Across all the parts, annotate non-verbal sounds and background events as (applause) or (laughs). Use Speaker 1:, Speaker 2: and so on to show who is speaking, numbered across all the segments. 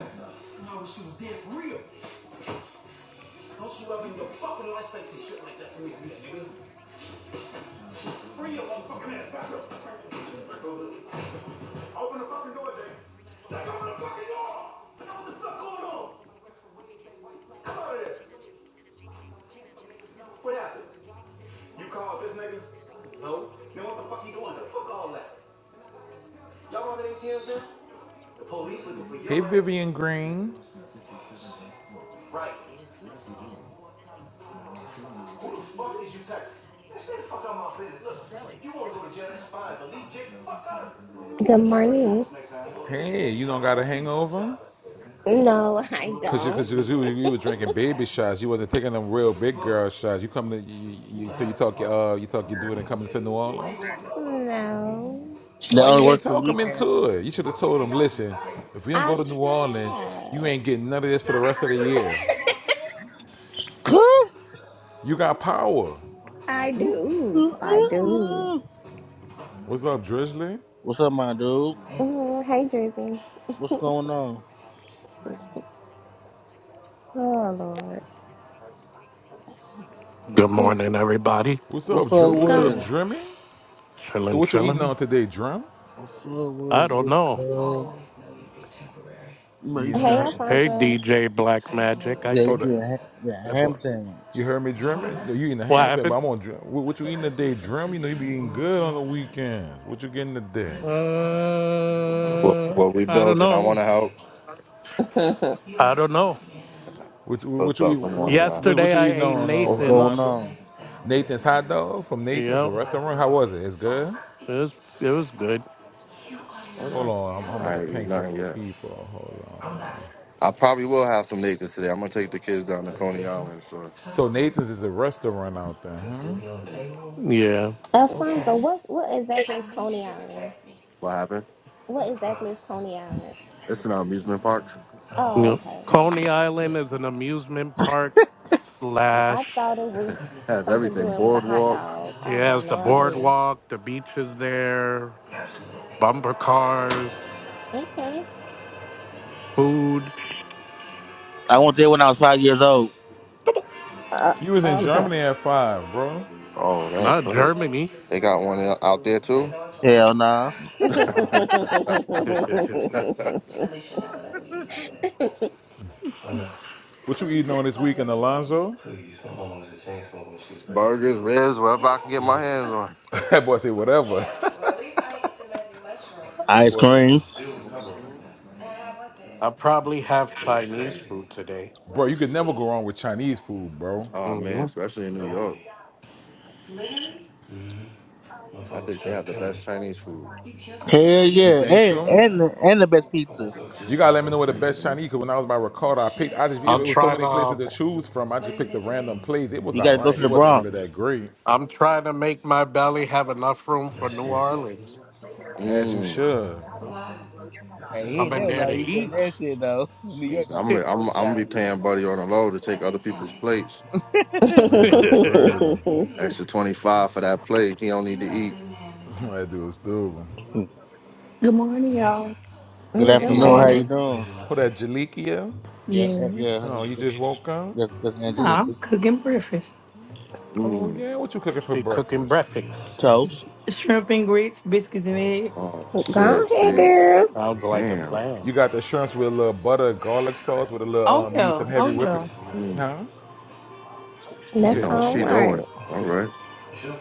Speaker 1: No, she was there for real. Don't you ever in your fucking life say some shit like that to me, nigga. Bring your motherfucking ass back up. Open the fucking door, Jake. Jake, open the fucking door! What the fuck going on? Come out of there. What happened? You called this nigga? Then what the fuck you doing? The fuck all that? Y'all on the ATM, sir? The police looking for your Hey, Vivian Green. Right. Who the fuck is you texting? Man, stay fuck out my business. Look, if you want to go to jail, that's fine, but leave Jake the fuck out of it. You
Speaker 2: Good
Speaker 1: You'll kill the
Speaker 2: morning.
Speaker 1: cameras next time. Hey, you don't got a hangover?
Speaker 2: No, (laughs) I
Speaker 1: Cause you,
Speaker 2: don't.
Speaker 1: cause, you, 'cause you, you were drinking baby shots. You wasn't taking them real big girl shots. You come to, you, you, so you talk, uh, you talk, you do it and coming to New Orleans.
Speaker 2: No.
Speaker 3: That
Speaker 1: Why you
Speaker 3: only
Speaker 1: didn't
Speaker 3: works for
Speaker 1: talk
Speaker 3: you,
Speaker 1: them
Speaker 3: Cam.
Speaker 1: into it? You should have told them, listen, if we don't
Speaker 2: I
Speaker 1: go to New Orleans, you
Speaker 2: try.
Speaker 1: ain't getting none of this for the rest of the year. You got power.
Speaker 2: I do. I do.
Speaker 1: What's up, Drizzly?
Speaker 3: What's up, my dude?
Speaker 2: Mm, hey, Drizzy.
Speaker 3: What's going on?
Speaker 2: Oh, Lord.
Speaker 4: Good
Speaker 2: Mm,
Speaker 4: morning, everybody.
Speaker 1: What's up,
Speaker 3: What's
Speaker 1: Dream?
Speaker 3: up
Speaker 1: What's
Speaker 3: with?
Speaker 1: up,
Speaker 2: Come.
Speaker 3: it?
Speaker 1: Dreamy? So
Speaker 4: Chilling,
Speaker 1: what you eating
Speaker 4: chilling.
Speaker 1: on today, Drum?
Speaker 3: What's up
Speaker 4: I
Speaker 3: with it,
Speaker 4: don't
Speaker 3: big
Speaker 4: know.
Speaker 3: girl?
Speaker 1: You
Speaker 3: Made
Speaker 1: know,
Speaker 3: you,
Speaker 1: and
Speaker 2: Hey,
Speaker 3: a-
Speaker 1: it,
Speaker 4: Hey,
Speaker 2: Alfonso.
Speaker 4: DJ Black
Speaker 1: I just know it
Speaker 4: Magic. I
Speaker 1: was oh
Speaker 3: made
Speaker 4: think
Speaker 1: that
Speaker 3: you a, ha- yeah,
Speaker 1: that
Speaker 3: ham
Speaker 1: part. You
Speaker 3: sandwich.
Speaker 1: heard me drumming? No, You eating the
Speaker 4: what
Speaker 1: ham sandwich,
Speaker 4: happened?
Speaker 1: but I'm on drum. What, what you eating today, Drum? You know you be eating good on the weekends. What you getting today?
Speaker 5: What,
Speaker 4: Uh,
Speaker 5: what we
Speaker 4: I don't
Speaker 5: building? I
Speaker 4: know.
Speaker 5: want to help.
Speaker 2: (laughs)
Speaker 4: I don't know.
Speaker 1: What what
Speaker 5: What's
Speaker 1: you eat?
Speaker 5: up? Good
Speaker 1: What,
Speaker 5: morning, y'all.
Speaker 1: what, what
Speaker 4: Yesterday,
Speaker 1: you
Speaker 4: I
Speaker 1: eating
Speaker 4: ate
Speaker 1: on, uh,
Speaker 3: What's
Speaker 4: Nathan's.
Speaker 3: going
Speaker 1: Alonzo?
Speaker 3: on?
Speaker 1: Nathan's hot dog from Nathan's, the
Speaker 4: Yep,
Speaker 1: restaurant. How was it? It's good.
Speaker 4: it was it was good.
Speaker 5: Oh,
Speaker 1: Hold
Speaker 5: that's-
Speaker 1: on, I'm, I'm about to
Speaker 5: I ain't
Speaker 1: ping
Speaker 5: eat
Speaker 1: some
Speaker 5: nothing
Speaker 1: more
Speaker 5: yet.
Speaker 1: people. Hold on.
Speaker 5: I probably will have some Nathan's today. I'm gonna take the kids down to Coney Island. So
Speaker 1: So Nathan's is a restaurant out there, huh?
Speaker 4: Yeah.
Speaker 2: Alfonso,
Speaker 1: Okay.
Speaker 2: what's, what exactly is Coney Island?
Speaker 5: what happened?
Speaker 2: What exactly is Coney Island?
Speaker 5: It's an amusement park.
Speaker 2: Oh,
Speaker 4: Yep.
Speaker 2: okay.
Speaker 4: Coney Island is an amusement park
Speaker 2: I, I
Speaker 4: slash.
Speaker 2: thought it was
Speaker 5: Has
Speaker 2: something
Speaker 5: everything.
Speaker 2: doing with a hot
Speaker 5: Boardwalk.
Speaker 2: dog.
Speaker 4: It
Speaker 2: I have
Speaker 4: has the
Speaker 2: no idea.
Speaker 4: boardwalk, the beaches there, bumper cars,
Speaker 2: Okay.
Speaker 4: food.
Speaker 3: I went there when I was five years old.
Speaker 2: Uh,
Speaker 1: You was in
Speaker 4: (laughs)
Speaker 1: Germany at five, bro.
Speaker 5: Oh, that's
Speaker 4: Not
Speaker 5: good.
Speaker 4: Germany.
Speaker 5: They got one out out there too.
Speaker 3: Hell nah.
Speaker 4: (laughs)
Speaker 2: okay. (laughs)
Speaker 1: I know. What you eating on this weekend, Alonzo? Please, my mama was a chain smoker when she was pregnant with
Speaker 5: Burgers,
Speaker 1: me.
Speaker 5: ribs, whatever I can get my
Speaker 1: Yeah.
Speaker 5: hands on.
Speaker 1: (laughs) that boy said whatever. That
Speaker 3: Ice
Speaker 1: boy said, I'm
Speaker 3: cream.
Speaker 1: still recovering from
Speaker 5: Mhm.
Speaker 1: that.
Speaker 4: I probably have
Speaker 1: It was
Speaker 4: Chinese
Speaker 1: crazy.
Speaker 4: food today.
Speaker 1: bro, you could never go wrong with Chinese food, bro.
Speaker 5: Oh man,
Speaker 4: hmm
Speaker 5: especially in
Speaker 1: The
Speaker 5: New
Speaker 1: old
Speaker 5: York,
Speaker 1: me.
Speaker 5: I
Speaker 1: Motherfucker was
Speaker 5: think they
Speaker 1: trying to
Speaker 5: have the
Speaker 1: kill
Speaker 5: best
Speaker 1: me.
Speaker 5: Chinese food.
Speaker 3: Hell
Speaker 1: You
Speaker 3: yeah,
Speaker 1: think I
Speaker 3: and
Speaker 1: so? I mean,
Speaker 3: and and the best
Speaker 1: I
Speaker 3: pizza.
Speaker 1: woke up just You gotta let me know where the best
Speaker 5: Mm-hmm.
Speaker 1: Chinese. Cause when I was by Ricardo, I picked. I just it
Speaker 4: I'm
Speaker 1: was so
Speaker 4: trying
Speaker 1: many places
Speaker 4: to.
Speaker 1: to choose from. I just picked a random place. It was
Speaker 3: You gotta go
Speaker 1: alright.
Speaker 3: to
Speaker 1: It
Speaker 3: the
Speaker 1: wasn't really
Speaker 3: Bronx.
Speaker 1: that great,
Speaker 4: I'm trying to make my belly have enough room
Speaker 1: that
Speaker 4: for New
Speaker 1: scares
Speaker 4: Orleans.
Speaker 1: me. as you
Speaker 5: Mm.
Speaker 1: should.
Speaker 4: I'm
Speaker 3: Hey,
Speaker 1: Because I
Speaker 3: he
Speaker 1: don't
Speaker 3: ain't
Speaker 1: know
Speaker 4: coming
Speaker 3: never
Speaker 1: who
Speaker 4: there
Speaker 1: I
Speaker 4: to
Speaker 3: like
Speaker 1: am
Speaker 3: you
Speaker 1: without
Speaker 3: said
Speaker 1: her.
Speaker 4: eat.
Speaker 3: that shit though. (laughs) New York
Speaker 5: He's-
Speaker 3: got
Speaker 4: (laughs)
Speaker 5: I'm,
Speaker 3: the
Speaker 5: I'm, I'm
Speaker 3: best
Speaker 5: gonna
Speaker 3: shot.
Speaker 5: be paying Buddy on the low to take other people's plates.
Speaker 3: (laughs)
Speaker 1: That
Speaker 5: (laughs)
Speaker 4: Good
Speaker 1: dude was crazy. I'm
Speaker 2: (laughs)
Speaker 5: Extra 25 for that plate. He don't need to eat.
Speaker 1: That dude was stupid.
Speaker 6: Good morning,
Speaker 1: Thank
Speaker 6: y'all.
Speaker 1: you.
Speaker 3: Good
Speaker 2: Mm, Good
Speaker 1: Hey,
Speaker 5: Come
Speaker 3: afternoon. How
Speaker 5: on.
Speaker 3: you
Speaker 2: morning.
Speaker 4: morning.
Speaker 3: doing?
Speaker 1: what that Jalikia?
Speaker 3: Yeah, uh,
Speaker 6: Yeah.
Speaker 3: yeah.
Speaker 1: Oh, you just
Speaker 3: That's,
Speaker 1: woke
Speaker 3: that's
Speaker 1: up?
Speaker 3: that's
Speaker 6: Nah, I'm
Speaker 3: Angelica.
Speaker 6: cooking breakfast.
Speaker 1: Oh
Speaker 5: Mm.
Speaker 1: yeah, what you cooking for
Speaker 4: She cooking
Speaker 1: breakfast? You mean a lot to
Speaker 4: breakfast.
Speaker 1: me
Speaker 6: Sh-
Speaker 3: Toast.
Speaker 1: too.
Speaker 6: shrimp and grits, biscuits and eggs.
Speaker 5: Oh,
Speaker 2: Go
Speaker 5: shit.
Speaker 2: ahead,
Speaker 5: See?
Speaker 1: Okay.
Speaker 2: girl.
Speaker 4: Sounds like a
Speaker 5: Damn.
Speaker 4: plan.
Speaker 1: You got the shrimps with a little butter, garlic sauce, with a little
Speaker 6: Oh,
Speaker 1: um. You use
Speaker 6: yeah.
Speaker 1: some heavy Sure, whipping.
Speaker 6: Oh,
Speaker 1: Mr. Ref.
Speaker 5: Mm.
Speaker 1: Huh? You
Speaker 5: She
Speaker 2: That's
Speaker 1: said
Speaker 5: know what
Speaker 2: all
Speaker 5: she
Speaker 1: no.
Speaker 5: doing.
Speaker 2: right.
Speaker 5: All right.
Speaker 1: Sure.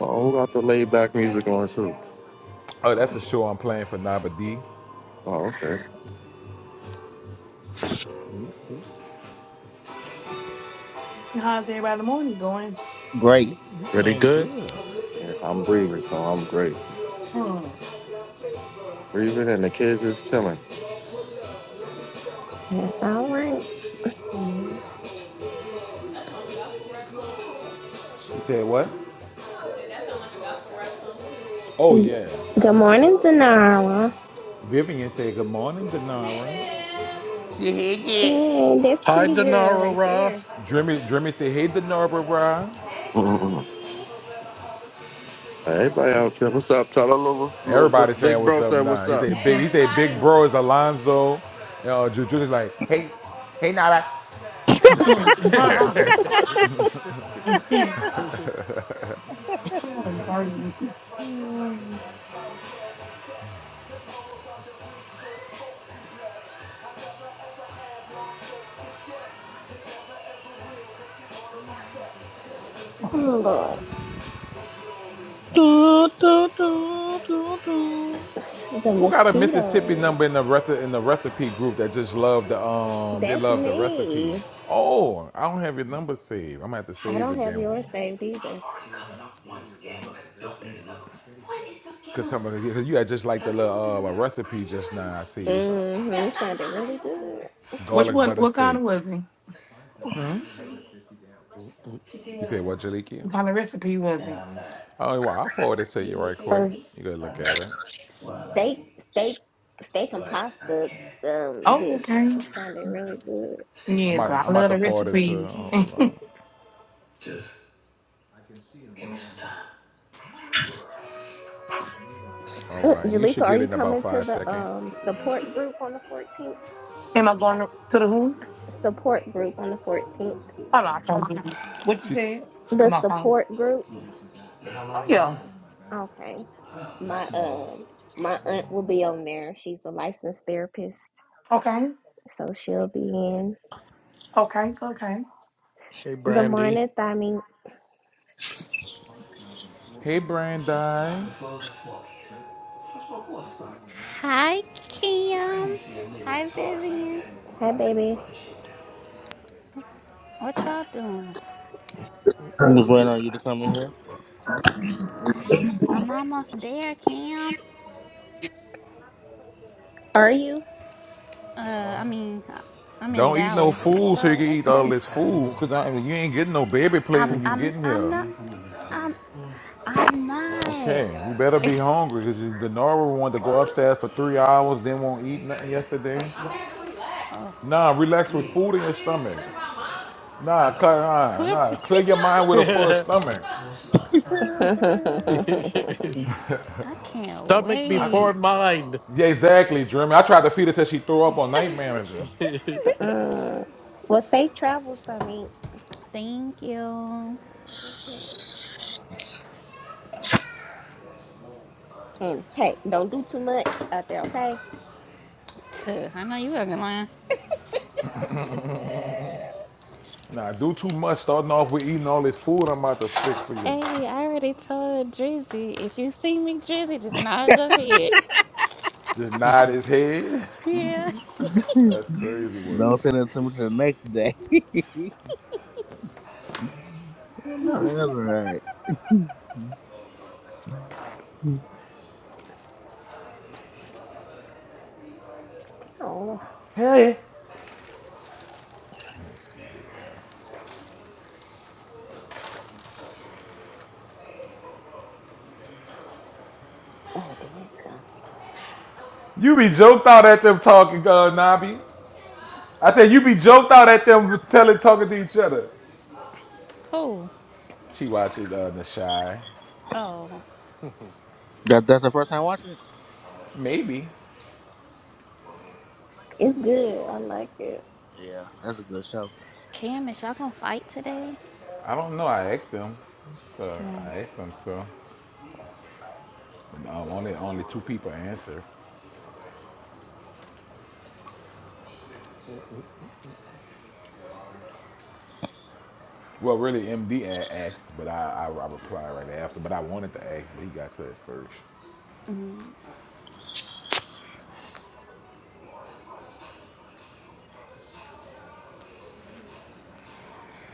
Speaker 5: Oh, who got the laid back music on, too?
Speaker 1: Oh, that's a
Speaker 6: yeah.
Speaker 1: show I'm playing for Naba D. You
Speaker 5: Oh, okay.
Speaker 4: Mhm.
Speaker 6: How's everybody in the morning going?
Speaker 3: Great.
Speaker 1: you
Speaker 4: Pretty
Speaker 1: doing
Speaker 4: good.
Speaker 1: good.
Speaker 5: Yeah, I'm breathing, so I'm great.
Speaker 6: Hmm.
Speaker 5: Breathing and the kids is chilling.
Speaker 2: That's all right.
Speaker 6: Yeah.
Speaker 1: You said what? Oh yeah.
Speaker 2: Good morning, Zanara.
Speaker 1: Vivian said good morning, Denara.
Speaker 2: Yeah, that's
Speaker 4: Hi,
Speaker 2: pretty girl right
Speaker 4: Denara.
Speaker 2: there.
Speaker 1: Dreamy, Dreamy said, hey, the Norbert, bro.
Speaker 5: (laughs) Mm-mm. Everybody out here. What's up, Tyler? What's, what's
Speaker 1: Everybody saying
Speaker 5: Big
Speaker 1: what's
Speaker 5: Bro
Speaker 1: up
Speaker 5: said,
Speaker 1: now.
Speaker 5: what's
Speaker 1: He
Speaker 5: up?
Speaker 1: said, big, he said, big bro is Alonzo. You know, Juju is like, hey, hey, Norbert.
Speaker 4: (laughs)
Speaker 5: (laughs)
Speaker 3: Mm.
Speaker 2: Oh, Lord.
Speaker 3: Du, du, du, du, du.
Speaker 2: The
Speaker 1: Who got a Mississippi
Speaker 2: mosquitoes.
Speaker 1: number in the reci- in the recipe group that just love the um they
Speaker 2: That's
Speaker 1: love the recipe?
Speaker 2: me.
Speaker 1: Oh, I don't have your number saved. I'm gonna have to
Speaker 2: I
Speaker 1: save
Speaker 2: don't
Speaker 1: it
Speaker 2: have
Speaker 1: then,
Speaker 2: yours saved either.
Speaker 1: cause some of the, you had just like the little uh, recipe just now. I see
Speaker 2: Mm-hmm. It sounded really good.
Speaker 6: Which
Speaker 1: garlic
Speaker 6: one?
Speaker 1: butter
Speaker 6: What kind
Speaker 1: steak.
Speaker 6: of was it?
Speaker 1: You say what, Jalikia?
Speaker 6: What kind of recipe was it?
Speaker 1: Oh, well, I'll forward it to you right quick.
Speaker 2: Or
Speaker 1: You go look at
Speaker 2: steak,
Speaker 1: it.
Speaker 2: steak, steak and
Speaker 1: but I
Speaker 2: pasta
Speaker 1: can't tear
Speaker 2: um
Speaker 6: Oh,
Speaker 2: dish.
Speaker 1: this
Speaker 6: okay.
Speaker 1: down.
Speaker 2: It sounded really good.
Speaker 6: Yeah,
Speaker 1: I'm out,
Speaker 6: 'cause
Speaker 1: for
Speaker 6: I
Speaker 1: I'm out
Speaker 6: love
Speaker 1: to
Speaker 6: the
Speaker 1: forward it to.
Speaker 6: recipes. (laughs)
Speaker 1: Hold on. Just give me some time. All
Speaker 2: Uh,
Speaker 1: right, you
Speaker 2: Jalika,
Speaker 1: should
Speaker 2: are
Speaker 1: get it
Speaker 2: you
Speaker 1: in about
Speaker 2: coming to
Speaker 1: five
Speaker 2: the
Speaker 1: seconds.
Speaker 2: um support group on the 14th?
Speaker 6: Am I going up to the who?
Speaker 2: Support group on the 14th.
Speaker 6: Oh, no, I can't do it. What you
Speaker 1: She's,
Speaker 6: said?
Speaker 2: The
Speaker 6: Come on, phone.
Speaker 2: support group.
Speaker 1: So how long
Speaker 6: Oh,
Speaker 1: you been
Speaker 6: yeah.
Speaker 1: out?
Speaker 2: Okay.
Speaker 1: Uh, not
Speaker 2: My
Speaker 1: too long.
Speaker 2: um my aunt will be on there. She's a licensed therapist,
Speaker 6: Okay.
Speaker 2: so she'll be in.
Speaker 6: Okay. Okay.
Speaker 4: hey,
Speaker 2: Good
Speaker 4: Brandy.
Speaker 2: morning, Thami.
Speaker 1: hey Brandi. The flows at Smokies. I smoke what son?
Speaker 7: Hi,
Speaker 1: It's crazy to
Speaker 7: Cam,
Speaker 1: see a nigga in
Speaker 7: Hi,
Speaker 1: charge like
Speaker 7: Vivian.
Speaker 1: that. A
Speaker 2: Hey,
Speaker 1: lot of niggas
Speaker 2: baby.
Speaker 1: running shit now.
Speaker 7: What y'all doing?
Speaker 3: Was waiting on you to come in here.
Speaker 7: I'm almost there, Cam.
Speaker 2: Are you?
Speaker 7: Uh,
Speaker 1: This
Speaker 7: I
Speaker 1: woman,
Speaker 7: mean, I'm in
Speaker 1: Don't eat no know
Speaker 7: Dallas.
Speaker 1: food so you can
Speaker 2: Oh,
Speaker 1: eat all this food, cause I mean you ain't getting no baby
Speaker 7: (laughs)
Speaker 1: plate
Speaker 7: I'm,
Speaker 1: when you
Speaker 4: (laughs)
Speaker 7: I'm,
Speaker 1: get in
Speaker 7: I'm
Speaker 1: here.
Speaker 7: not. I'm, I'm not.
Speaker 1: Okay, you better
Speaker 7: (laughs)
Speaker 1: be hungry because the Nora wanted to go upstairs for three hours, then won't eat nothing yesterday.
Speaker 7: Oh,
Speaker 1: Nah, relax with food in your stomach. Nah, cut, nah,
Speaker 7: clip.
Speaker 1: nah,
Speaker 7: (laughs)
Speaker 1: clear your mind with a full stomach.
Speaker 2: okay. (laughs)
Speaker 7: I can't
Speaker 4: Stomach
Speaker 1: I,
Speaker 4: before
Speaker 7: wait.
Speaker 4: mind.
Speaker 1: yeah, exactly, Jeremy. I tried to feed her till she threw up on night
Speaker 7: (laughs)
Speaker 1: manager.
Speaker 4: Good
Speaker 2: Uh, well, safe travels, Thami.
Speaker 7: Thank you.
Speaker 2: Uh, And hey, don't do too much out there, okay?
Speaker 7: I know you fucking lying.
Speaker 1: Nah, do too much starting off with eating all this food I'm about to fix for you.
Speaker 7: Hey, I already told Drizzy. If you see me, Drizzy, just nod your head.
Speaker 1: Just nod his head.
Speaker 7: (laughs) yeah.
Speaker 1: (laughs) That's crazy
Speaker 3: (laughs)
Speaker 1: work.
Speaker 3: Don't send it to me till the next day. (laughs) oh, no, that's all right.
Speaker 2: Oh.
Speaker 1: Hey, let me see.
Speaker 2: Oh, there it go.
Speaker 1: You be joked out at them talking, uh, Nobby. I said you be joked out at them telling talking to each other.
Speaker 7: Who?
Speaker 1: She watches uh, The Shy.
Speaker 7: Oh,
Speaker 3: That, that's the first time watching it?
Speaker 1: Maybe
Speaker 2: It's good. I like it.
Speaker 3: Yeah, that's a good show.
Speaker 7: Cam, is y'all gonna fight today?
Speaker 1: I don't know. I asked them, so I asked them to. And, um, only only two people answered. Well, really, MD asked, but I, I I replied right after. But I wanted to ask, but he got to it first.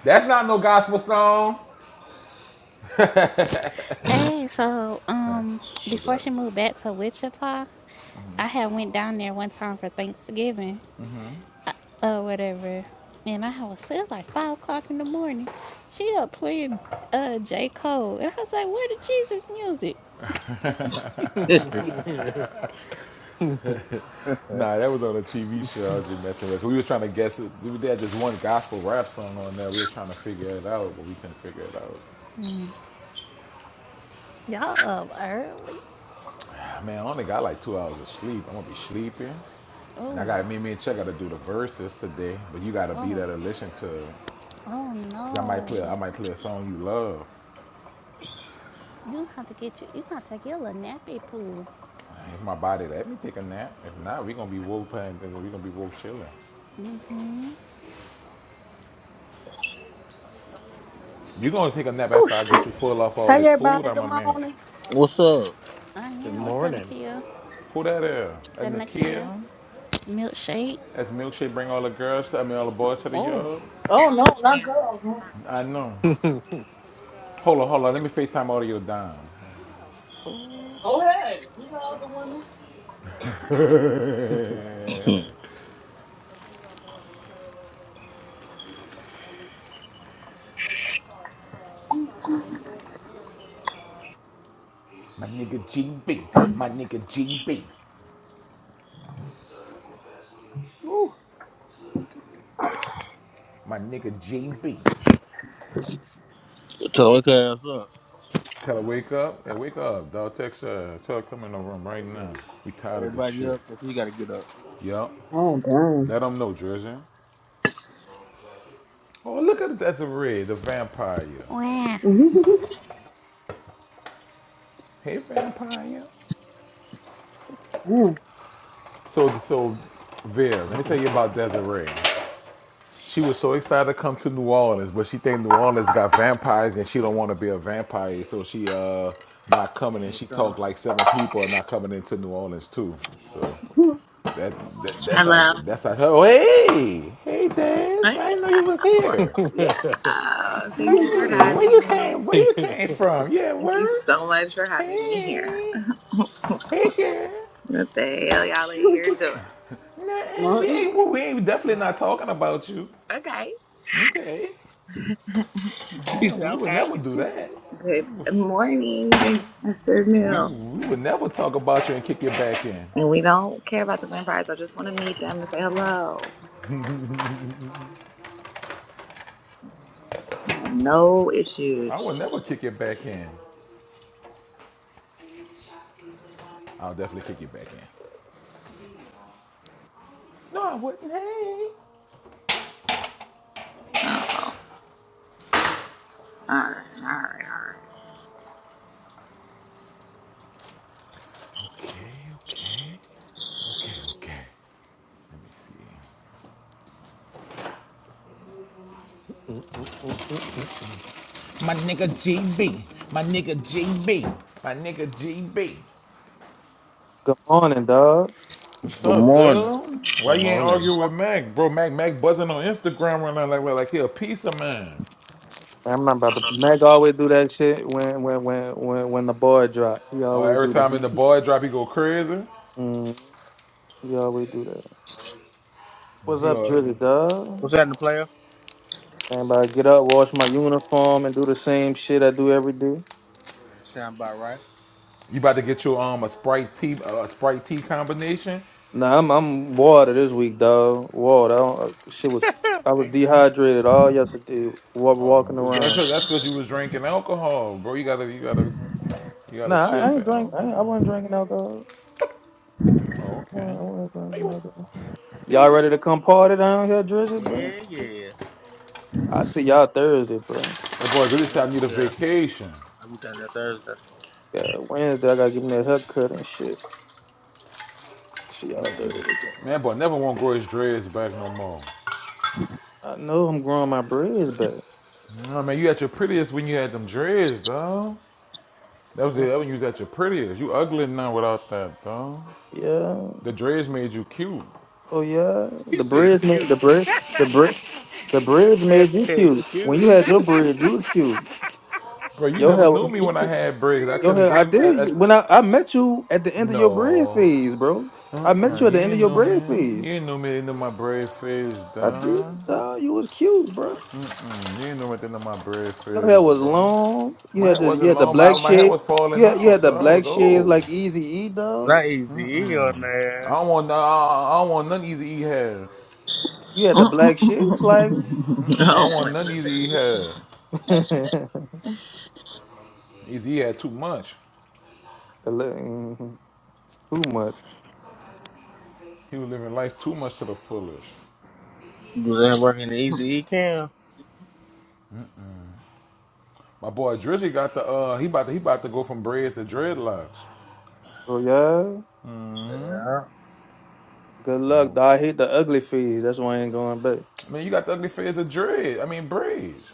Speaker 1: That's not no gospel song.
Speaker 7: Hey, so um,
Speaker 1: What's
Speaker 7: before
Speaker 1: that?
Speaker 7: she moved back to Wichita, I had went down there one time for Thanksgiving or whatever, and I was so it was like five o'clock in the morning. She up playing uh J Cole, and I was like, "Where the Jesus music?"
Speaker 3: (laughs)
Speaker 1: Nah, that was on a TV show. I was just messing with. We were trying to guess it. We had this one gospel rap song on there. We were trying to figure it out, but we couldn't figure it out.
Speaker 7: Y'all up early?
Speaker 1: Man, I only got like two hours of sleep. I'm gonna be sleeping, and I
Speaker 7: Oh,
Speaker 1: got me, me and Chuck gotta do the verses today. But you gotta be
Speaker 7: oh,
Speaker 1: there to listen to,
Speaker 7: oh
Speaker 1: cause I might
Speaker 7: no!
Speaker 1: play, I might play a song you love.
Speaker 7: You have to get you. You gotta take your little nappy poo.
Speaker 1: If my body let me take a nap, if not, we gonna be woke playing things. We gonna be woke chilling. You gonna take a nap
Speaker 8: Oh
Speaker 1: after I get
Speaker 8: shit.
Speaker 1: you full off all
Speaker 8: Hey
Speaker 1: this food?
Speaker 8: everybody,
Speaker 1: I'm
Speaker 8: good
Speaker 1: a man.
Speaker 8: morning.
Speaker 3: What's up?
Speaker 7: Uh yeah. What's up,
Speaker 4: morning.
Speaker 7: Nakia?
Speaker 1: Who that is?
Speaker 7: The
Speaker 1: And
Speaker 7: Nakia
Speaker 1: Nakia?
Speaker 7: milkshake.
Speaker 1: That's milkshake. Bring all the girls. To, I mean, all the boys to the
Speaker 7: Oh,
Speaker 1: yard.
Speaker 8: Oh no, not good.
Speaker 1: I know.
Speaker 4: Good
Speaker 1: Hold on, hold on. Let me FaceTime all of your dime.
Speaker 7: oh,
Speaker 3: Hmm.
Speaker 1: My nigga GB. My nigga GB. My nigga JB,
Speaker 3: Tell her, wake her ass up.
Speaker 1: Tell her wake up. Hey, wake up, dog. Text her. Tell her come in the room right
Speaker 3: Wake up.
Speaker 1: now. We tired of this
Speaker 3: Everybody
Speaker 1: shit.
Speaker 3: up, because you got to get up.
Speaker 1: Yup.
Speaker 8: Oh
Speaker 1: Let them know, Jersey. Oh, look at it. That's a red, the vampire.
Speaker 7: wow.
Speaker 1: Hey, vampire. So, so, Vera, let me tell you about Desiree. She was so excited to come to New Orleans, but she think New Orleans got vampires and she don't want to be a vampire, so she uh not coming in.
Speaker 3: Yeah,
Speaker 1: She
Speaker 3: come.
Speaker 1: talked like seven people are not coming into New Orleans too. That, that that's how
Speaker 9: Hello.
Speaker 1: that's how. Oh hey, hey,
Speaker 9: I
Speaker 1: Daz! I didn't know you was
Speaker 9: know.
Speaker 1: here.
Speaker 9: Yeah. Thank you for
Speaker 1: Hey, where you
Speaker 9: having me.
Speaker 1: came? Where you came from? Yeah,
Speaker 9: Thank you
Speaker 1: where?
Speaker 9: so much for having me here.
Speaker 1: Hey,
Speaker 9: (laughs)
Speaker 1: hey, girl.
Speaker 9: what the hell y'all are here doing?
Speaker 1: Nothing.
Speaker 8: darn. (laughs)
Speaker 1: We
Speaker 8: (laughs)
Speaker 1: ain't. We ain't definitely not talking about you.
Speaker 9: Okay.
Speaker 1: Okay.
Speaker 3: (laughs) She
Speaker 1: Yeah,
Speaker 3: said,
Speaker 1: we would never
Speaker 3: okay.
Speaker 1: do
Speaker 3: Good
Speaker 1: that.
Speaker 9: Good morning. Good
Speaker 1: We
Speaker 9: afternoon.
Speaker 3: morning.
Speaker 1: we would never talk about you and kick you back in.
Speaker 9: And we don't care about the vampires. I just want to meet them and say hello. I have no
Speaker 1: I would never
Speaker 9: issues.
Speaker 1: kick you back in. I'll definitely kick you back in. No, I wouldn't. Hey.
Speaker 9: Uh oh. All right. All right. All right.
Speaker 1: Okay. Okay. Okay, okay. Let me see. My nigga GB. My nigga GB. My nigga GB.
Speaker 10: Good morning, dog.
Speaker 1: What's
Speaker 3: Good
Speaker 1: up,
Speaker 3: morning.
Speaker 1: dude? Why you ain't
Speaker 4: morning.
Speaker 1: arguing with Mac, bro? Mac Mac buzzing on Instagram right now like well, like he a piece of man.
Speaker 10: I'm not about to. Mac always do that shit when when when when when the boy drop. He
Speaker 1: Or
Speaker 10: always
Speaker 1: every
Speaker 10: do
Speaker 1: time in the
Speaker 10: that.
Speaker 1: boy drop, he go crazy.
Speaker 10: Mm, he always do that. What's
Speaker 1: He
Speaker 10: up,
Speaker 1: go,
Speaker 10: Drizzy, dog?
Speaker 3: What's happening, player?
Speaker 10: Man, but I get up, wash my uniform, and do the same shit I do every day.
Speaker 3: Sound about right?
Speaker 1: you about to get your um a Sprite tea a Sprite tea combination.
Speaker 10: Nah, I'm I'm water this week, dog. Water. I don't, uh, shit was.
Speaker 3: (laughs)
Speaker 10: I was dehydrated all yesterday. wa-
Speaker 1: Oh,
Speaker 10: Walking
Speaker 1: but that's
Speaker 10: around.
Speaker 1: cause that's cause you was drinking alcohol, bro. You gotta you gotta you gotta
Speaker 10: Nah, I,
Speaker 1: chill
Speaker 10: I ain't
Speaker 1: the
Speaker 10: drink. I,
Speaker 1: alcohol.
Speaker 10: ain't, I wasn't drinking alcohol.
Speaker 1: Oh,
Speaker 10: I
Speaker 1: okay.
Speaker 10: wasn't, I wasn't
Speaker 1: Hey,
Speaker 10: drinking
Speaker 1: what-
Speaker 10: alcohol.
Speaker 1: hey, what
Speaker 10: Y'all
Speaker 1: you drinking?
Speaker 10: ready to come party down here, Drizzy, bro?
Speaker 3: Yeah, yeah.
Speaker 10: I see y'all Thursday, bro.
Speaker 1: That boy really
Speaker 3: Yeah,
Speaker 1: said I need a
Speaker 3: yeah.
Speaker 1: vacation.
Speaker 3: I'll be down there Thursday.
Speaker 10: Yeah, Wednesday I gotta give me a haircut and shit. See y'all
Speaker 1: Man,
Speaker 10: Thursday.
Speaker 1: man, boy, never want to grow his dreads back no more.
Speaker 10: I know I'm growing my braids back.
Speaker 1: You know what I mean, you at your prettiest when you had them dreads, dog. That was the
Speaker 10: Uh,
Speaker 1: that when you was at your prettiest. You ugly now without that, dog.
Speaker 10: Yeah.
Speaker 1: The dreads made you cute.
Speaker 10: Oh yeah.
Speaker 3: He
Speaker 10: The
Speaker 3: said
Speaker 10: braids made the
Speaker 3: cute.
Speaker 10: bread the bread the
Speaker 3: That
Speaker 10: braids
Speaker 3: man
Speaker 10: made you
Speaker 3: said
Speaker 10: cute. When
Speaker 3: cute.
Speaker 10: you had your braids, you was cute.
Speaker 1: Bro, you
Speaker 10: Your
Speaker 1: never knew
Speaker 10: hair
Speaker 1: me when I had braids. I
Speaker 3: (laughs)
Speaker 10: your
Speaker 1: couldn't
Speaker 10: hair
Speaker 1: grow.
Speaker 10: I
Speaker 1: in- I, I,
Speaker 10: did when I, I met you at the end of your braid
Speaker 1: no.
Speaker 10: phase, bro. I met
Speaker 1: Uh-uh,
Speaker 10: you at
Speaker 1: you
Speaker 10: the end of
Speaker 1: ain't
Speaker 10: your
Speaker 1: know me.
Speaker 10: braid phase.
Speaker 1: You ain't know me into my braid phase,
Speaker 10: I did,
Speaker 1: dog.
Speaker 10: dog. You was cute, bro.
Speaker 1: You ain't know me into my braid
Speaker 10: Your
Speaker 1: phase,
Speaker 10: hair was
Speaker 1: bro.
Speaker 10: long. You
Speaker 1: My
Speaker 10: had
Speaker 1: hair
Speaker 10: the you
Speaker 1: wasn't
Speaker 10: had the
Speaker 1: long. but
Speaker 10: black
Speaker 1: My, my hair
Speaker 10: shade.
Speaker 1: was falling
Speaker 10: You had you had
Speaker 1: out,
Speaker 10: the
Speaker 1: dog. I was
Speaker 10: black shades
Speaker 1: old.
Speaker 10: like Easy E dog.
Speaker 3: Not easy E on
Speaker 1: I
Speaker 3: there.
Speaker 1: don't want. I, I don't want none easy E hair.
Speaker 10: You
Speaker 9: (laughs)
Speaker 10: had the
Speaker 9: I
Speaker 10: black shades like
Speaker 1: I don't
Speaker 9: don't
Speaker 1: want
Speaker 9: want
Speaker 1: none either he had.
Speaker 10: (laughs) Good
Speaker 1: Either he had too much.
Speaker 10: luck. Mhm. too much.
Speaker 1: He was living life too much to the fullest.
Speaker 3: Was that working the easy E cam?
Speaker 1: My boy Drizzy got the uh he about to he about to go from braids to dreadlocks.
Speaker 10: Oh yeah.
Speaker 3: Yeah.
Speaker 10: Good luck.
Speaker 1: Boy.
Speaker 10: Dog. I hate the ugly phase. That's why I ain't going back.
Speaker 1: Man, you got the ugly phase of dread. I mean braids.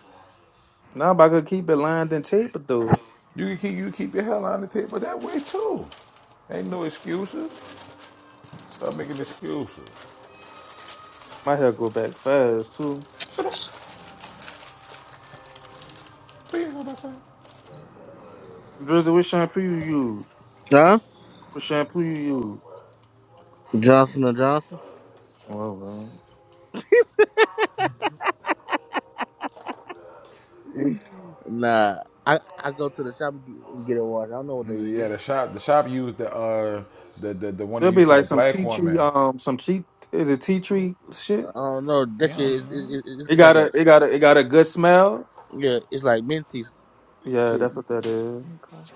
Speaker 10: Now if I could keep it lined and tapered though,
Speaker 1: You can keep you can keep your hair on the table that way too. Ain't no excuses. Stop making excuses.
Speaker 10: my hair grow back fast too.
Speaker 1: Please, what I say?
Speaker 10: Drizzy, what shampoo you use?
Speaker 3: Huh?
Speaker 10: What shampoo you use?
Speaker 3: Johnson and Johnson.
Speaker 10: Oh, All right.
Speaker 3: Nah. I, I go to the shop and get and get a wash. I don't know what they
Speaker 1: Yeah,
Speaker 3: use.
Speaker 1: the shop the shop used the uh the the, the one they
Speaker 10: There'll be
Speaker 1: used for the
Speaker 10: like some
Speaker 1: black
Speaker 10: tea tree,
Speaker 1: woman.
Speaker 10: um, some tea is it tea tree
Speaker 3: I
Speaker 10: shit?
Speaker 3: don't know. That
Speaker 1: Yeah, I
Speaker 3: shit
Speaker 1: don't
Speaker 3: is it,
Speaker 1: know.
Speaker 3: it,
Speaker 10: It
Speaker 3: it's
Speaker 10: got
Speaker 3: like
Speaker 10: a
Speaker 3: a
Speaker 10: it got a it got a good smell.
Speaker 3: yeah. It's like minty
Speaker 10: Yeah,
Speaker 3: shit.
Speaker 10: that's what that is.
Speaker 9: nothing.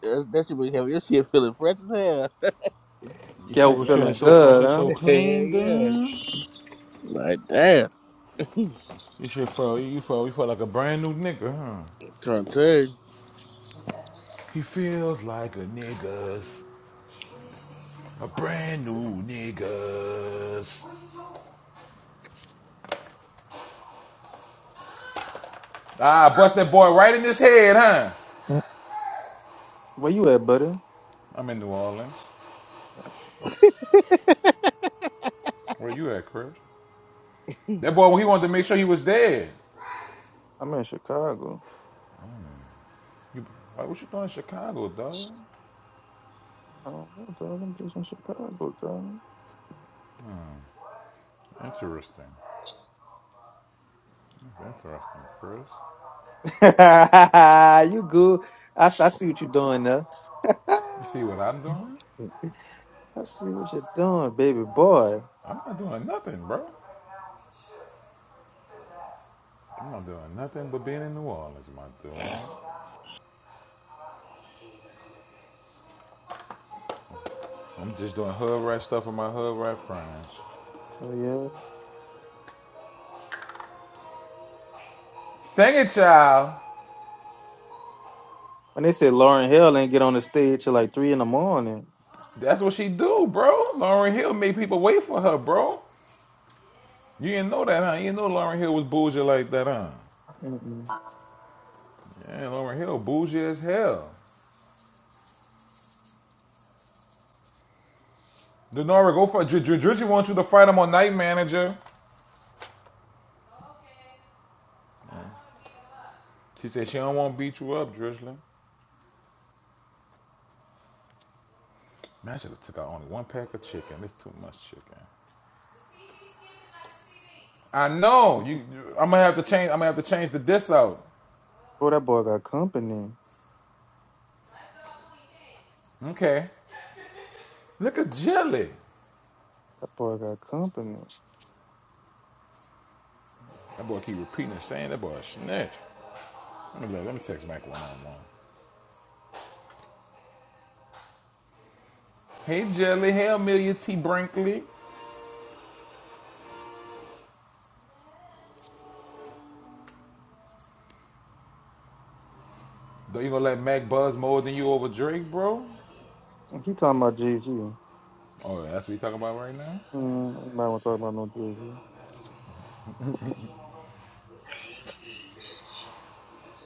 Speaker 3: That, that shit be heavy. This shit feeling fresh as hell. (laughs)
Speaker 1: Your shit
Speaker 3: Like
Speaker 10: Scout
Speaker 1: was feeling
Speaker 3: yeah,
Speaker 10: feeling
Speaker 1: so fresh
Speaker 10: good,
Speaker 1: and
Speaker 10: huh?
Speaker 1: so
Speaker 3: (laughs)
Speaker 1: clean,
Speaker 3: yeah.
Speaker 1: dude.
Speaker 3: Like damn.
Speaker 1: You should feel you feel you feel like a brand new nigga, huh?
Speaker 3: Trying to tell you.
Speaker 1: He feels like a niggas. A brand new niggas. Ah, bust that boy right in his head, huh?
Speaker 10: Mm. Where you at, buddy?
Speaker 1: I'm in New Orleans. Where you at, Chris? That boy he wanted to make sure he was dead.
Speaker 10: I'm in Chicago.
Speaker 1: You, like, what you doing in Chicago, dog?
Speaker 10: I don't know, dog. I'm just in Chicago, dog.
Speaker 1: Interesting. interesting, Chris.
Speaker 10: (laughs) you good. I, s- I see what you're doing there. (laughs)
Speaker 1: You see what
Speaker 10: I
Speaker 1: I'm doing?
Speaker 10: see what you're doing, baby boy.
Speaker 1: I'm not doing nothing, bro. I'm not doing nothing but being in New Orleans, my dude. I'm just doing hood rat stuff with my hood rat friends.
Speaker 10: Oh, yeah.
Speaker 1: Sing it, child.
Speaker 10: When they said Lauren Hill ain't get on the stage till like 3 in the morning.
Speaker 1: That's what she do, bro. Lauren Hill made people wait for her, bro. You didn't know that, huh? You didn't know Lauren Hill was bougie like that, huh?
Speaker 10: Mm-mm.
Speaker 1: Yeah, Lauren Hill, bougie as hell. Denora, go for it. Dr- Drizzly wants you to fight him on Night Manager. She said she don't want to beat you up, Drizzly. Man, I should have took out only one pack of chicken. It's too much chicken. I know. You, you- I'm gonna have to change. I'm gonna have to change the diss out.
Speaker 10: Oh, that boy got company.
Speaker 1: Okay. Look at Jelly.
Speaker 10: That boy got company.
Speaker 1: That boy keep repeating and saying that boy a snitch. Let me let me text Mac one on one. Hey Jelly, hey Amelia T. Brinkley. Though you gonna let Mac buzz more than you over Drake, bro?
Speaker 10: And He talking about Jay-Z. Mm,
Speaker 1: Oh, yeah, that's what you talking about right now?
Speaker 10: nobody want to talk about no Jay-Z.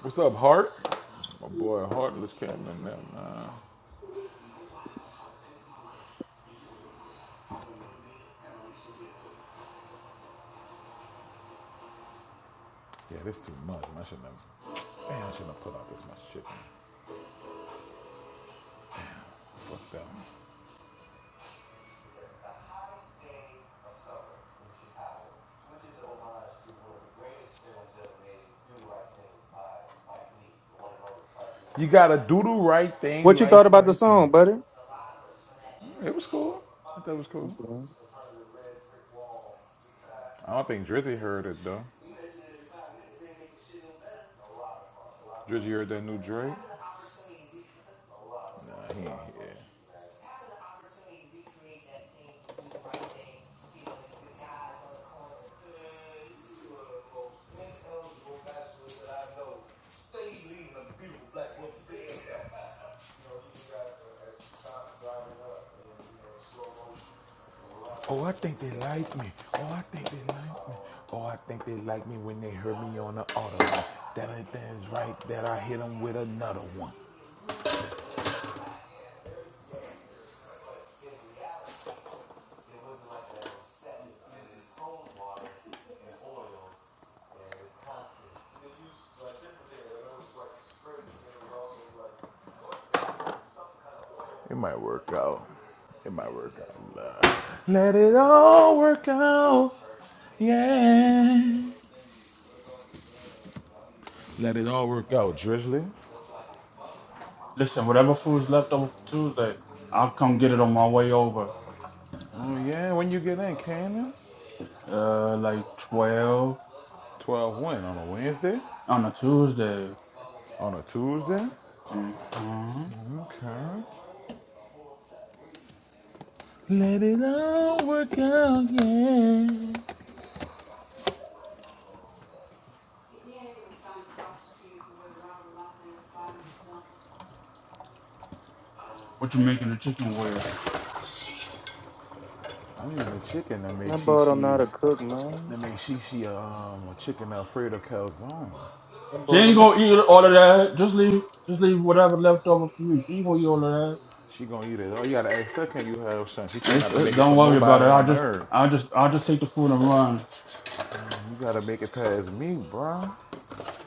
Speaker 1: What's up, Hart? My boy Heartless came in there, man. Yeah, this too much. Man. I shouldn't have Damn, I shouldn't have put out this much shit. Fuck that. You gotta do the right thing
Speaker 10: What you
Speaker 1: like
Speaker 10: thought about the
Speaker 1: Spike
Speaker 10: song,
Speaker 1: Lee.
Speaker 10: buddy?
Speaker 1: It was cool. I thought it was cool.
Speaker 10: Okay.
Speaker 1: I don't think Drizzy heard it though. Drizzy heard that new Drake. Nah, he ain't here. Oh, I think they like me. Oh, I think they like me. Oh, I think they like me when they heard me on the auto. That ain't things right that I hit them with another one. It might work out. It might work out. love. Let it all work out. Yeah. Let it all work out, Drizzly.
Speaker 11: Listen, whatever food's left over for Tuesday, I'll come get it on my way over.
Speaker 1: Oh, yeah. When you get in, Cannon?
Speaker 11: Uh, like 12
Speaker 1: 12 when? On a Wednesday?
Speaker 11: on a Tuesday.
Speaker 1: On a Tuesday?
Speaker 11: Mm-hmm.
Speaker 1: Okay. Let it all work out, yeah.
Speaker 11: What you making the chicken with?
Speaker 1: I'm eating chicken that
Speaker 10: That
Speaker 1: makes she
Speaker 10: boy don't know to
Speaker 1: she's
Speaker 10: cook, man.
Speaker 1: Let me see. she uh, um a chicken Alfredo calzone.
Speaker 10: That
Speaker 11: She
Speaker 10: boy
Speaker 11: ain't
Speaker 10: don't
Speaker 11: gonna eat all of that. Just leave, just leave whatever left over for you. She ain't gonna eat all of
Speaker 1: She gonna eat it. Oh, you gotta ask her, can you have some? She
Speaker 11: that.
Speaker 1: said
Speaker 11: It's,
Speaker 1: not to
Speaker 11: it,
Speaker 1: make it
Speaker 11: don't
Speaker 1: for
Speaker 11: worry about it.
Speaker 1: nobody
Speaker 11: I
Speaker 1: on
Speaker 11: just,
Speaker 1: earth.
Speaker 11: I just, I just take the food and run.
Speaker 1: You gotta make it past me, bro.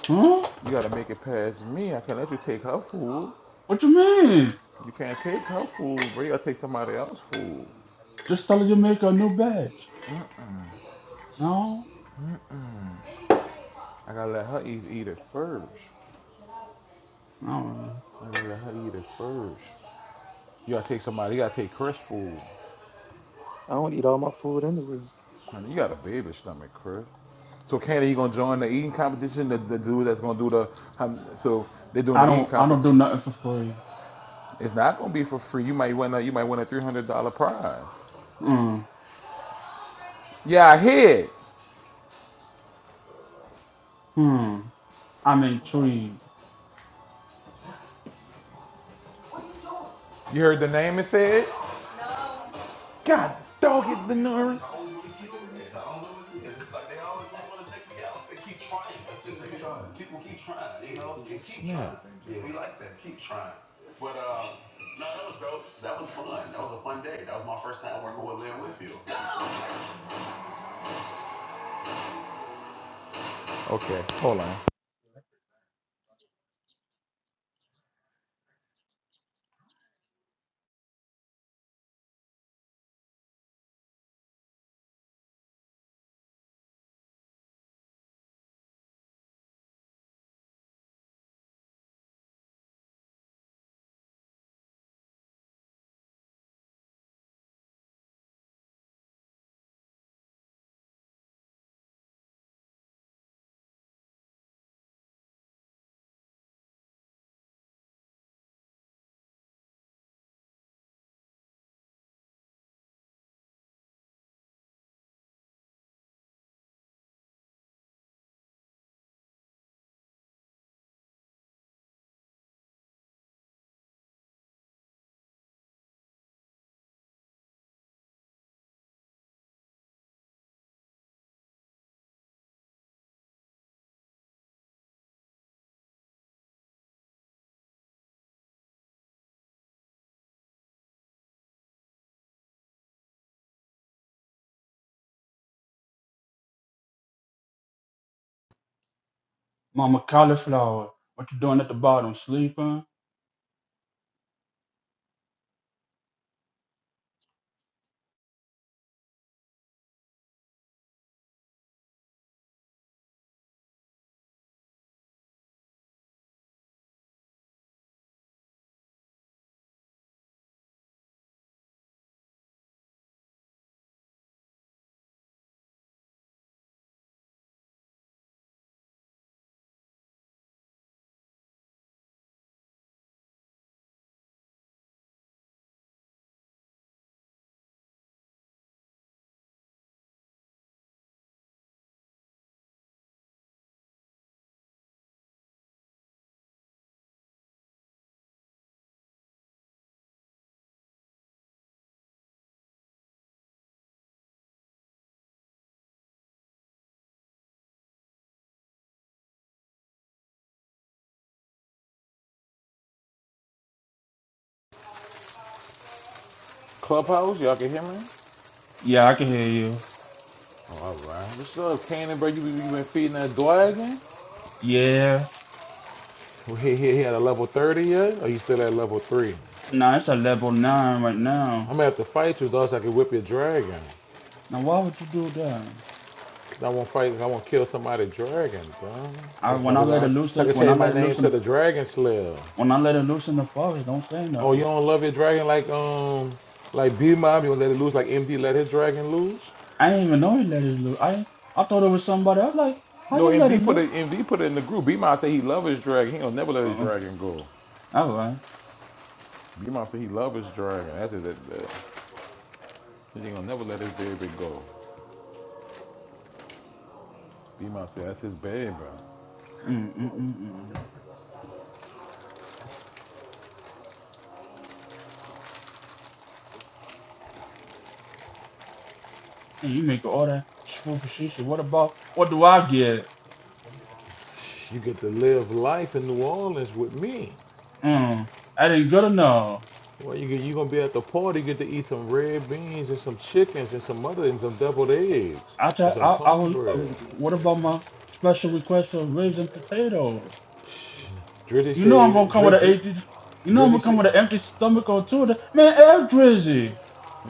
Speaker 11: Huh?
Speaker 1: You gotta make it past me. I can not let you take her food.
Speaker 11: What you mean?
Speaker 1: You can't take her food, bro. You gotta take somebody else's food.
Speaker 11: Just tell her you make a new batch. No,
Speaker 1: I gotta let her eat, eat it first.
Speaker 11: no.
Speaker 1: I gotta let her eat it first. You gotta take somebody. You gotta take Chris food.
Speaker 10: I don't eat all my food anyway.
Speaker 1: Honey, you got a baby stomach, Chris. So Candy, you gonna join the eating competition? The, the dude that's gonna do the um, so they're doing the
Speaker 11: I
Speaker 1: eating
Speaker 11: don't, I don't do
Speaker 1: competition.
Speaker 11: nothing for free.
Speaker 1: It's not gonna be for free. You might win a you might win a three hundred dollar prize.
Speaker 11: Mm,
Speaker 1: Yeah, I hear
Speaker 11: hmm. I'm intrigued.
Speaker 1: You heard the name it said? God dog it the nerves. Snap. Okay, hold on.
Speaker 11: Mama Cauliflower, what you doing at the bottom? Sleeping?
Speaker 1: Clubhouse, y'all can hear me?
Speaker 11: Yeah, I can hear you.
Speaker 1: All right. What's up, Cannon, bro? You, you been feeding that dog again?
Speaker 11: Yeah.
Speaker 1: Well, he, he, he at a level 30 yet? Or you still at level 3?
Speaker 11: Nah, it's a level nine right
Speaker 1: I'm
Speaker 11: now.
Speaker 1: gonna have to fight you, though, so I can whip your dragon.
Speaker 11: Now why would you do that?
Speaker 1: Cause I won't fight, I won't kill somebody dragon, bro.
Speaker 11: I when
Speaker 1: like-
Speaker 11: I let it loose
Speaker 1: So I
Speaker 11: in-
Speaker 1: can
Speaker 11: when I
Speaker 1: change my
Speaker 11: let it
Speaker 1: name
Speaker 11: loose in
Speaker 1: to
Speaker 11: the
Speaker 1: the Dragon Slayer.
Speaker 11: when I let it loose in the forest, don't say
Speaker 1: Oh, you
Speaker 11: nothing.
Speaker 1: don't love your dragon like, um, like B-Mob? You don't let it loose like MD let his dragon loose?
Speaker 11: I didn't even know you let it loose. I I thought it was somebody. I was like, how
Speaker 1: No,
Speaker 11: you let
Speaker 1: MD
Speaker 11: it
Speaker 1: put
Speaker 11: loose?
Speaker 1: it, MD put it in the group. B-Mob said he love his dragon. He don't never let his
Speaker 11: Uh-uh.
Speaker 1: dragon go.
Speaker 11: All right.
Speaker 1: B-Mob said he love his dragon. That's it. That, that. He ain't gonna never let his baby go. B-Mob said that's his baby. bro.
Speaker 11: Mm, mm, mm, mm. mm. And you make all that shoo for shit. What about what do I get?
Speaker 1: You get to live life in New Orleans with me.
Speaker 11: Mm, I didn't good enough.
Speaker 1: Well, you you gonna be at the party. You get to eat some red beans and some chickens and some other and some deviled eggs
Speaker 11: I
Speaker 1: and
Speaker 11: thought I,
Speaker 1: some
Speaker 11: I was. uh,
Speaker 1: cornbread.
Speaker 11: What about my special request for ribs and potato?
Speaker 1: Drizzy
Speaker 11: You know I'm gonna
Speaker 1: said,
Speaker 11: come
Speaker 1: Dri,
Speaker 11: with an
Speaker 1: Dri,
Speaker 11: empty. You know I'm
Speaker 1: Drizzy
Speaker 11: gonna come
Speaker 1: said,
Speaker 11: with an empty stomach or two. of Man, air Drizzy.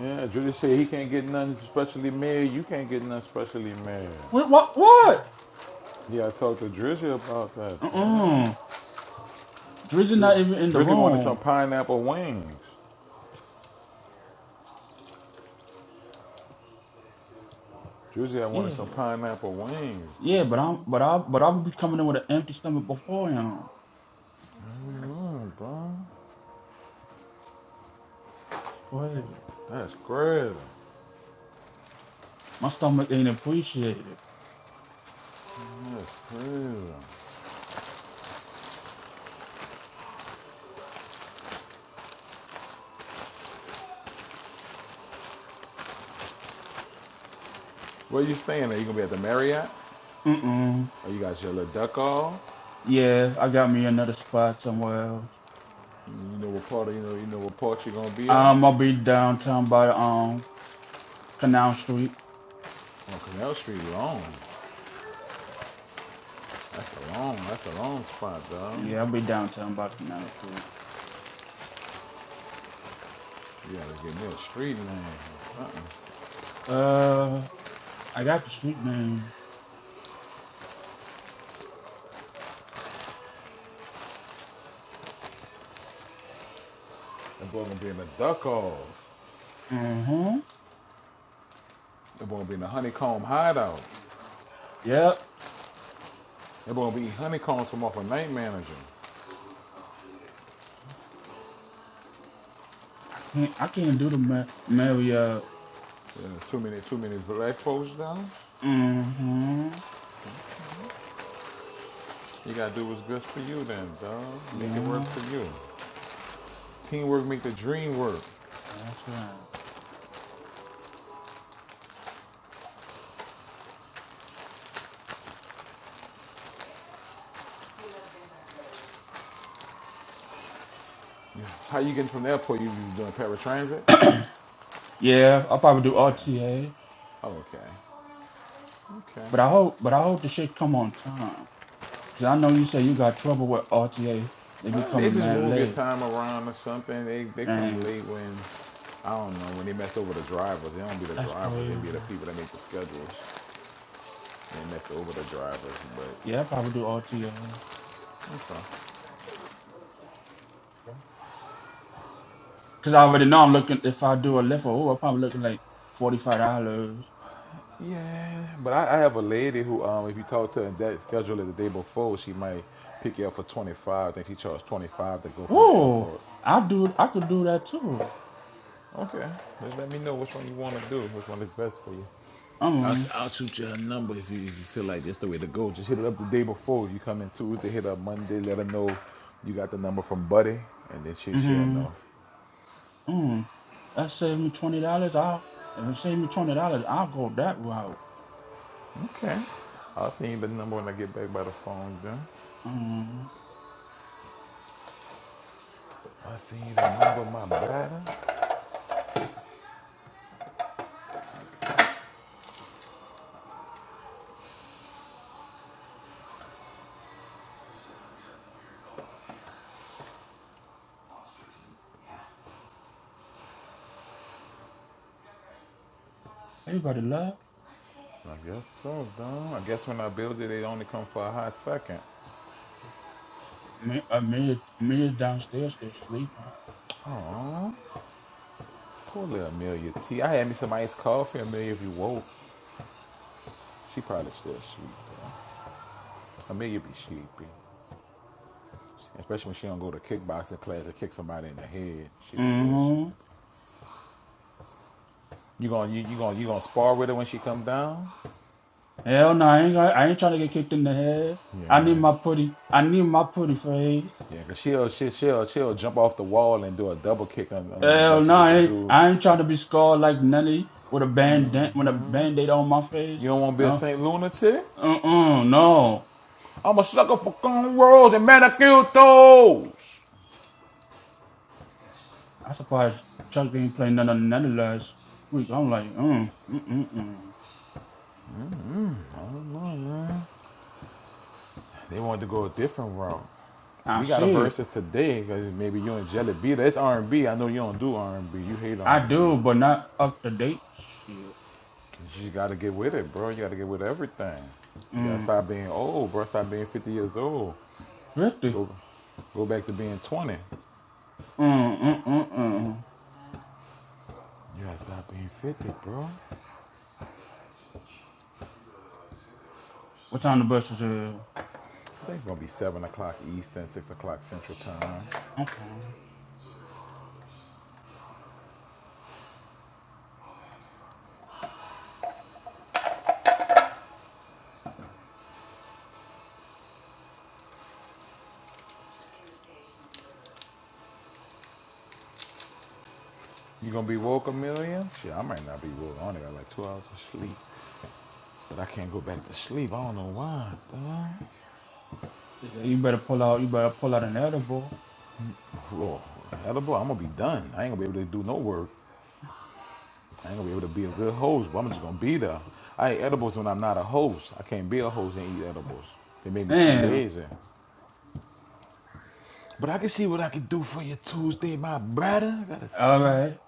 Speaker 1: yeah, Drizzy said he can't get nothing specially made. You can't get nothing specially made.
Speaker 11: What? What? What?
Speaker 1: Yeah, I talked to Drizzy about that.
Speaker 11: Uh uh Drizzy
Speaker 1: Dri,
Speaker 11: not even in the
Speaker 1: Drizzy wanted some
Speaker 11: room.
Speaker 1: pineapple wings. Drizzy, I wanted
Speaker 11: Yeah.
Speaker 1: some pineapple wings.
Speaker 11: Yeah, but I'm. But I. But I'll be coming in with an empty stomach before him.
Speaker 1: Mm, bro,
Speaker 11: It's crazy.
Speaker 1: that's crazy.
Speaker 11: My stomach ain't appreciated.
Speaker 1: That's Crazy. Where you staying? Are you gonna be at the Marriott?
Speaker 11: Uh uh
Speaker 1: Or you got your little duck off?
Speaker 11: Yeah, I got me another spot somewhere else.
Speaker 1: You know what part of you know you know what part you're gonna be at?
Speaker 11: I'ma be downtown by um Canal Street.
Speaker 1: On Canal Street long. That's a long, that's a long spot, dog.
Speaker 11: Yeah, I'll be downtown by Canal Street.
Speaker 1: You gotta get me a street name or something.
Speaker 11: Uh, I got the street name.
Speaker 1: That boy gonna be in the duck off.
Speaker 11: Uh huh.
Speaker 1: That boy gonna be in the honeycomb hideout.
Speaker 11: Yep.
Speaker 1: That boy gonna be eating honeycombs from off a night manager.
Speaker 11: I can't. I can't do the ma- mail yet.
Speaker 1: Yeah, too many too many black folks dog.
Speaker 11: Uh huh.
Speaker 1: You gotta do what's good for you then, dog. Make it work
Speaker 11: Yeah.
Speaker 1: for you. Teamwork make the dream work.
Speaker 11: That's right.
Speaker 1: How you getting from the airport? You, you doing paratransit?
Speaker 11: (coughs) yeah. I'll probably do
Speaker 1: Okay.
Speaker 11: RTA.
Speaker 1: Oh, Okay. Okay.
Speaker 11: But I hope. But I hope the shit come on time. Cause I know you say you got trouble with RTA. They be
Speaker 1: Well, they
Speaker 11: coming
Speaker 1: just
Speaker 11: mad
Speaker 1: move your
Speaker 11: late.
Speaker 1: time around or something. They they come
Speaker 11: Man,
Speaker 1: late when I don't know when they mess over the drivers. They don't be the
Speaker 11: that's
Speaker 1: drivers. They be
Speaker 11: crazy.
Speaker 1: the people that make the schedules. And mess over the drivers, but
Speaker 11: Yeah. I'll probably do RTA.
Speaker 1: that's fine.
Speaker 11: Cause I already know I'm looking. If I do a lift, oh, I'm probably looking like forty five dollars.
Speaker 1: Yeah, but I, I have a lady who, um, if you talk to her and that schedule it the day before, she might pick you up for twenty five. I think she charged twenty five to go from the
Speaker 11: Oh,
Speaker 1: airport.
Speaker 11: I do. I could do that too.
Speaker 1: Okay, just let me know which one you want to do. Which one is best for you? I'll,
Speaker 11: Um,
Speaker 1: I'll shoot you a number if you, if you feel like that's the way to go. Just hit it up the day before. You come in Tuesday, hit up Monday, let her know you got the number from Buddy, and then she, she'll
Speaker 11: mm-hmm,
Speaker 1: know.
Speaker 11: mm. That saved me twenty dollars. I'll if it saved me twenty dollars, I'll go that route.
Speaker 1: Okay. I'll send you the number when I get back by the phone, then.
Speaker 11: Um,
Speaker 1: I'll send you the number, my brother.
Speaker 11: everybody love.
Speaker 1: I guess so, Don. I guess when I build it, it only come for a hot second.
Speaker 11: Me, uh, me, me is downstairs still sleeping.
Speaker 1: Poor little Amelia T. I had me some iced coffee, Amelia, if you woke. She probably still sleep, though. Amelia be sleepy. Especially when she don't go to kickboxing class to kick somebody in the head. She be real shit.
Speaker 11: Mm-hmm.
Speaker 1: You gonna you, you gonna you gonna spar with her when she come down?
Speaker 11: Hell no, I ain't. got- I ain't trying to get kicked in the head. I need
Speaker 1: Yeah,
Speaker 11: my pretty. I need my pretty face.
Speaker 1: yeah. Cause she'll she, she'll she'll jump off the wall and do a double kick on, on,
Speaker 11: Hell
Speaker 1: like she
Speaker 11: no,
Speaker 1: did
Speaker 11: I
Speaker 1: the
Speaker 11: ain't,
Speaker 1: dude.
Speaker 11: I ain't trying to be scarred like Nelly with a band- with a band-aid on my face.
Speaker 1: You don't want to be a
Speaker 11: No.
Speaker 1: Saint lunatic.
Speaker 11: Uh-uh, no.
Speaker 1: I'm a sucker for cornrows and manicured toes.
Speaker 11: I surprised Chuck didn't play none of Nelly last week. I'm like, mm, mm, mm, mm.
Speaker 1: They wanted to go a different route.
Speaker 11: I
Speaker 1: We got a
Speaker 11: see.
Speaker 1: versus today because maybe you and Jelly B. That's R&B. I know you don't do R&B. You hate
Speaker 11: I do,
Speaker 1: R&B.
Speaker 11: but not up to date. Shit.
Speaker 1: You got to get with it, bro. You got to get with everything. You got to
Speaker 11: Mm.
Speaker 1: stop being old, bro. Stop being 50 years old.
Speaker 11: 50.
Speaker 1: Go, go back to being 20. You
Speaker 11: Mm, mm, mm, mm.
Speaker 1: got to stop being 50, bro. I
Speaker 11: What time the bus is it? Mm-mm.
Speaker 1: think it's going to be 7 o'clock Eastern, 6 o'clock Central Time. You going to be woke a million? Shit, I might not be woke. I only got like two hours of sleep. But I can't go back to sleep. I don't know why, dog.
Speaker 11: Yeah, you better pull out, you better pull out an edible.
Speaker 1: Lord, edible, I'm going to be done. I ain't going to be able to do no work. I ain't gonna be able to be a good host, but I'm just gonna be there. I eat edibles when I'm not a host. I can't be a host and eat edibles. They make me too
Speaker 11: Damn.
Speaker 1: lazy. But I can see what I can do for you Tuesday, my brother. I gotta
Speaker 11: All
Speaker 1: see.
Speaker 11: right.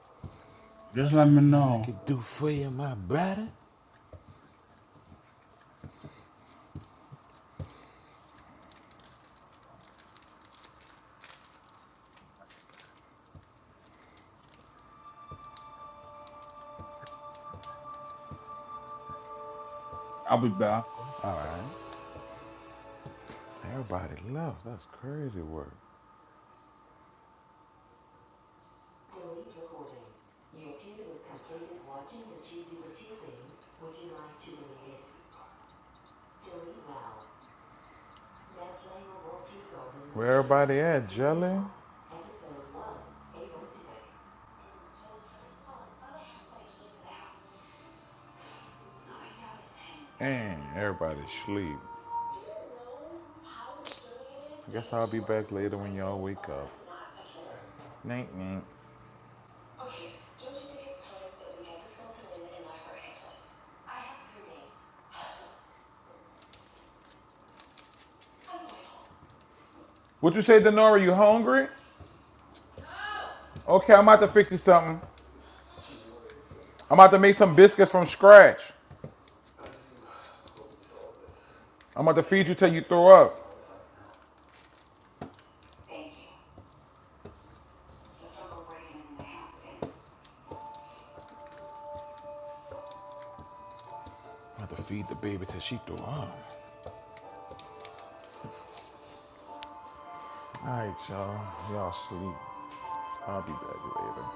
Speaker 11: Just let
Speaker 1: Let's
Speaker 11: me
Speaker 1: see what I
Speaker 11: know.
Speaker 1: can do for you, my brother.
Speaker 11: I'll be back.
Speaker 1: All right. Everybody left. That's crazy work. Where everybody at, Jelly? And everybody sleep. I guess I'll be back later when y'all wake up. Night, night. What you say, Denora? You hungry? Okay, I'm about to fix you something. I'm about to make some biscuits from scratch. I'm about to feed you till you throw up. I'm about to feed the baby till she throw up. All right, y'all. Y'all sleep. I'll be back later.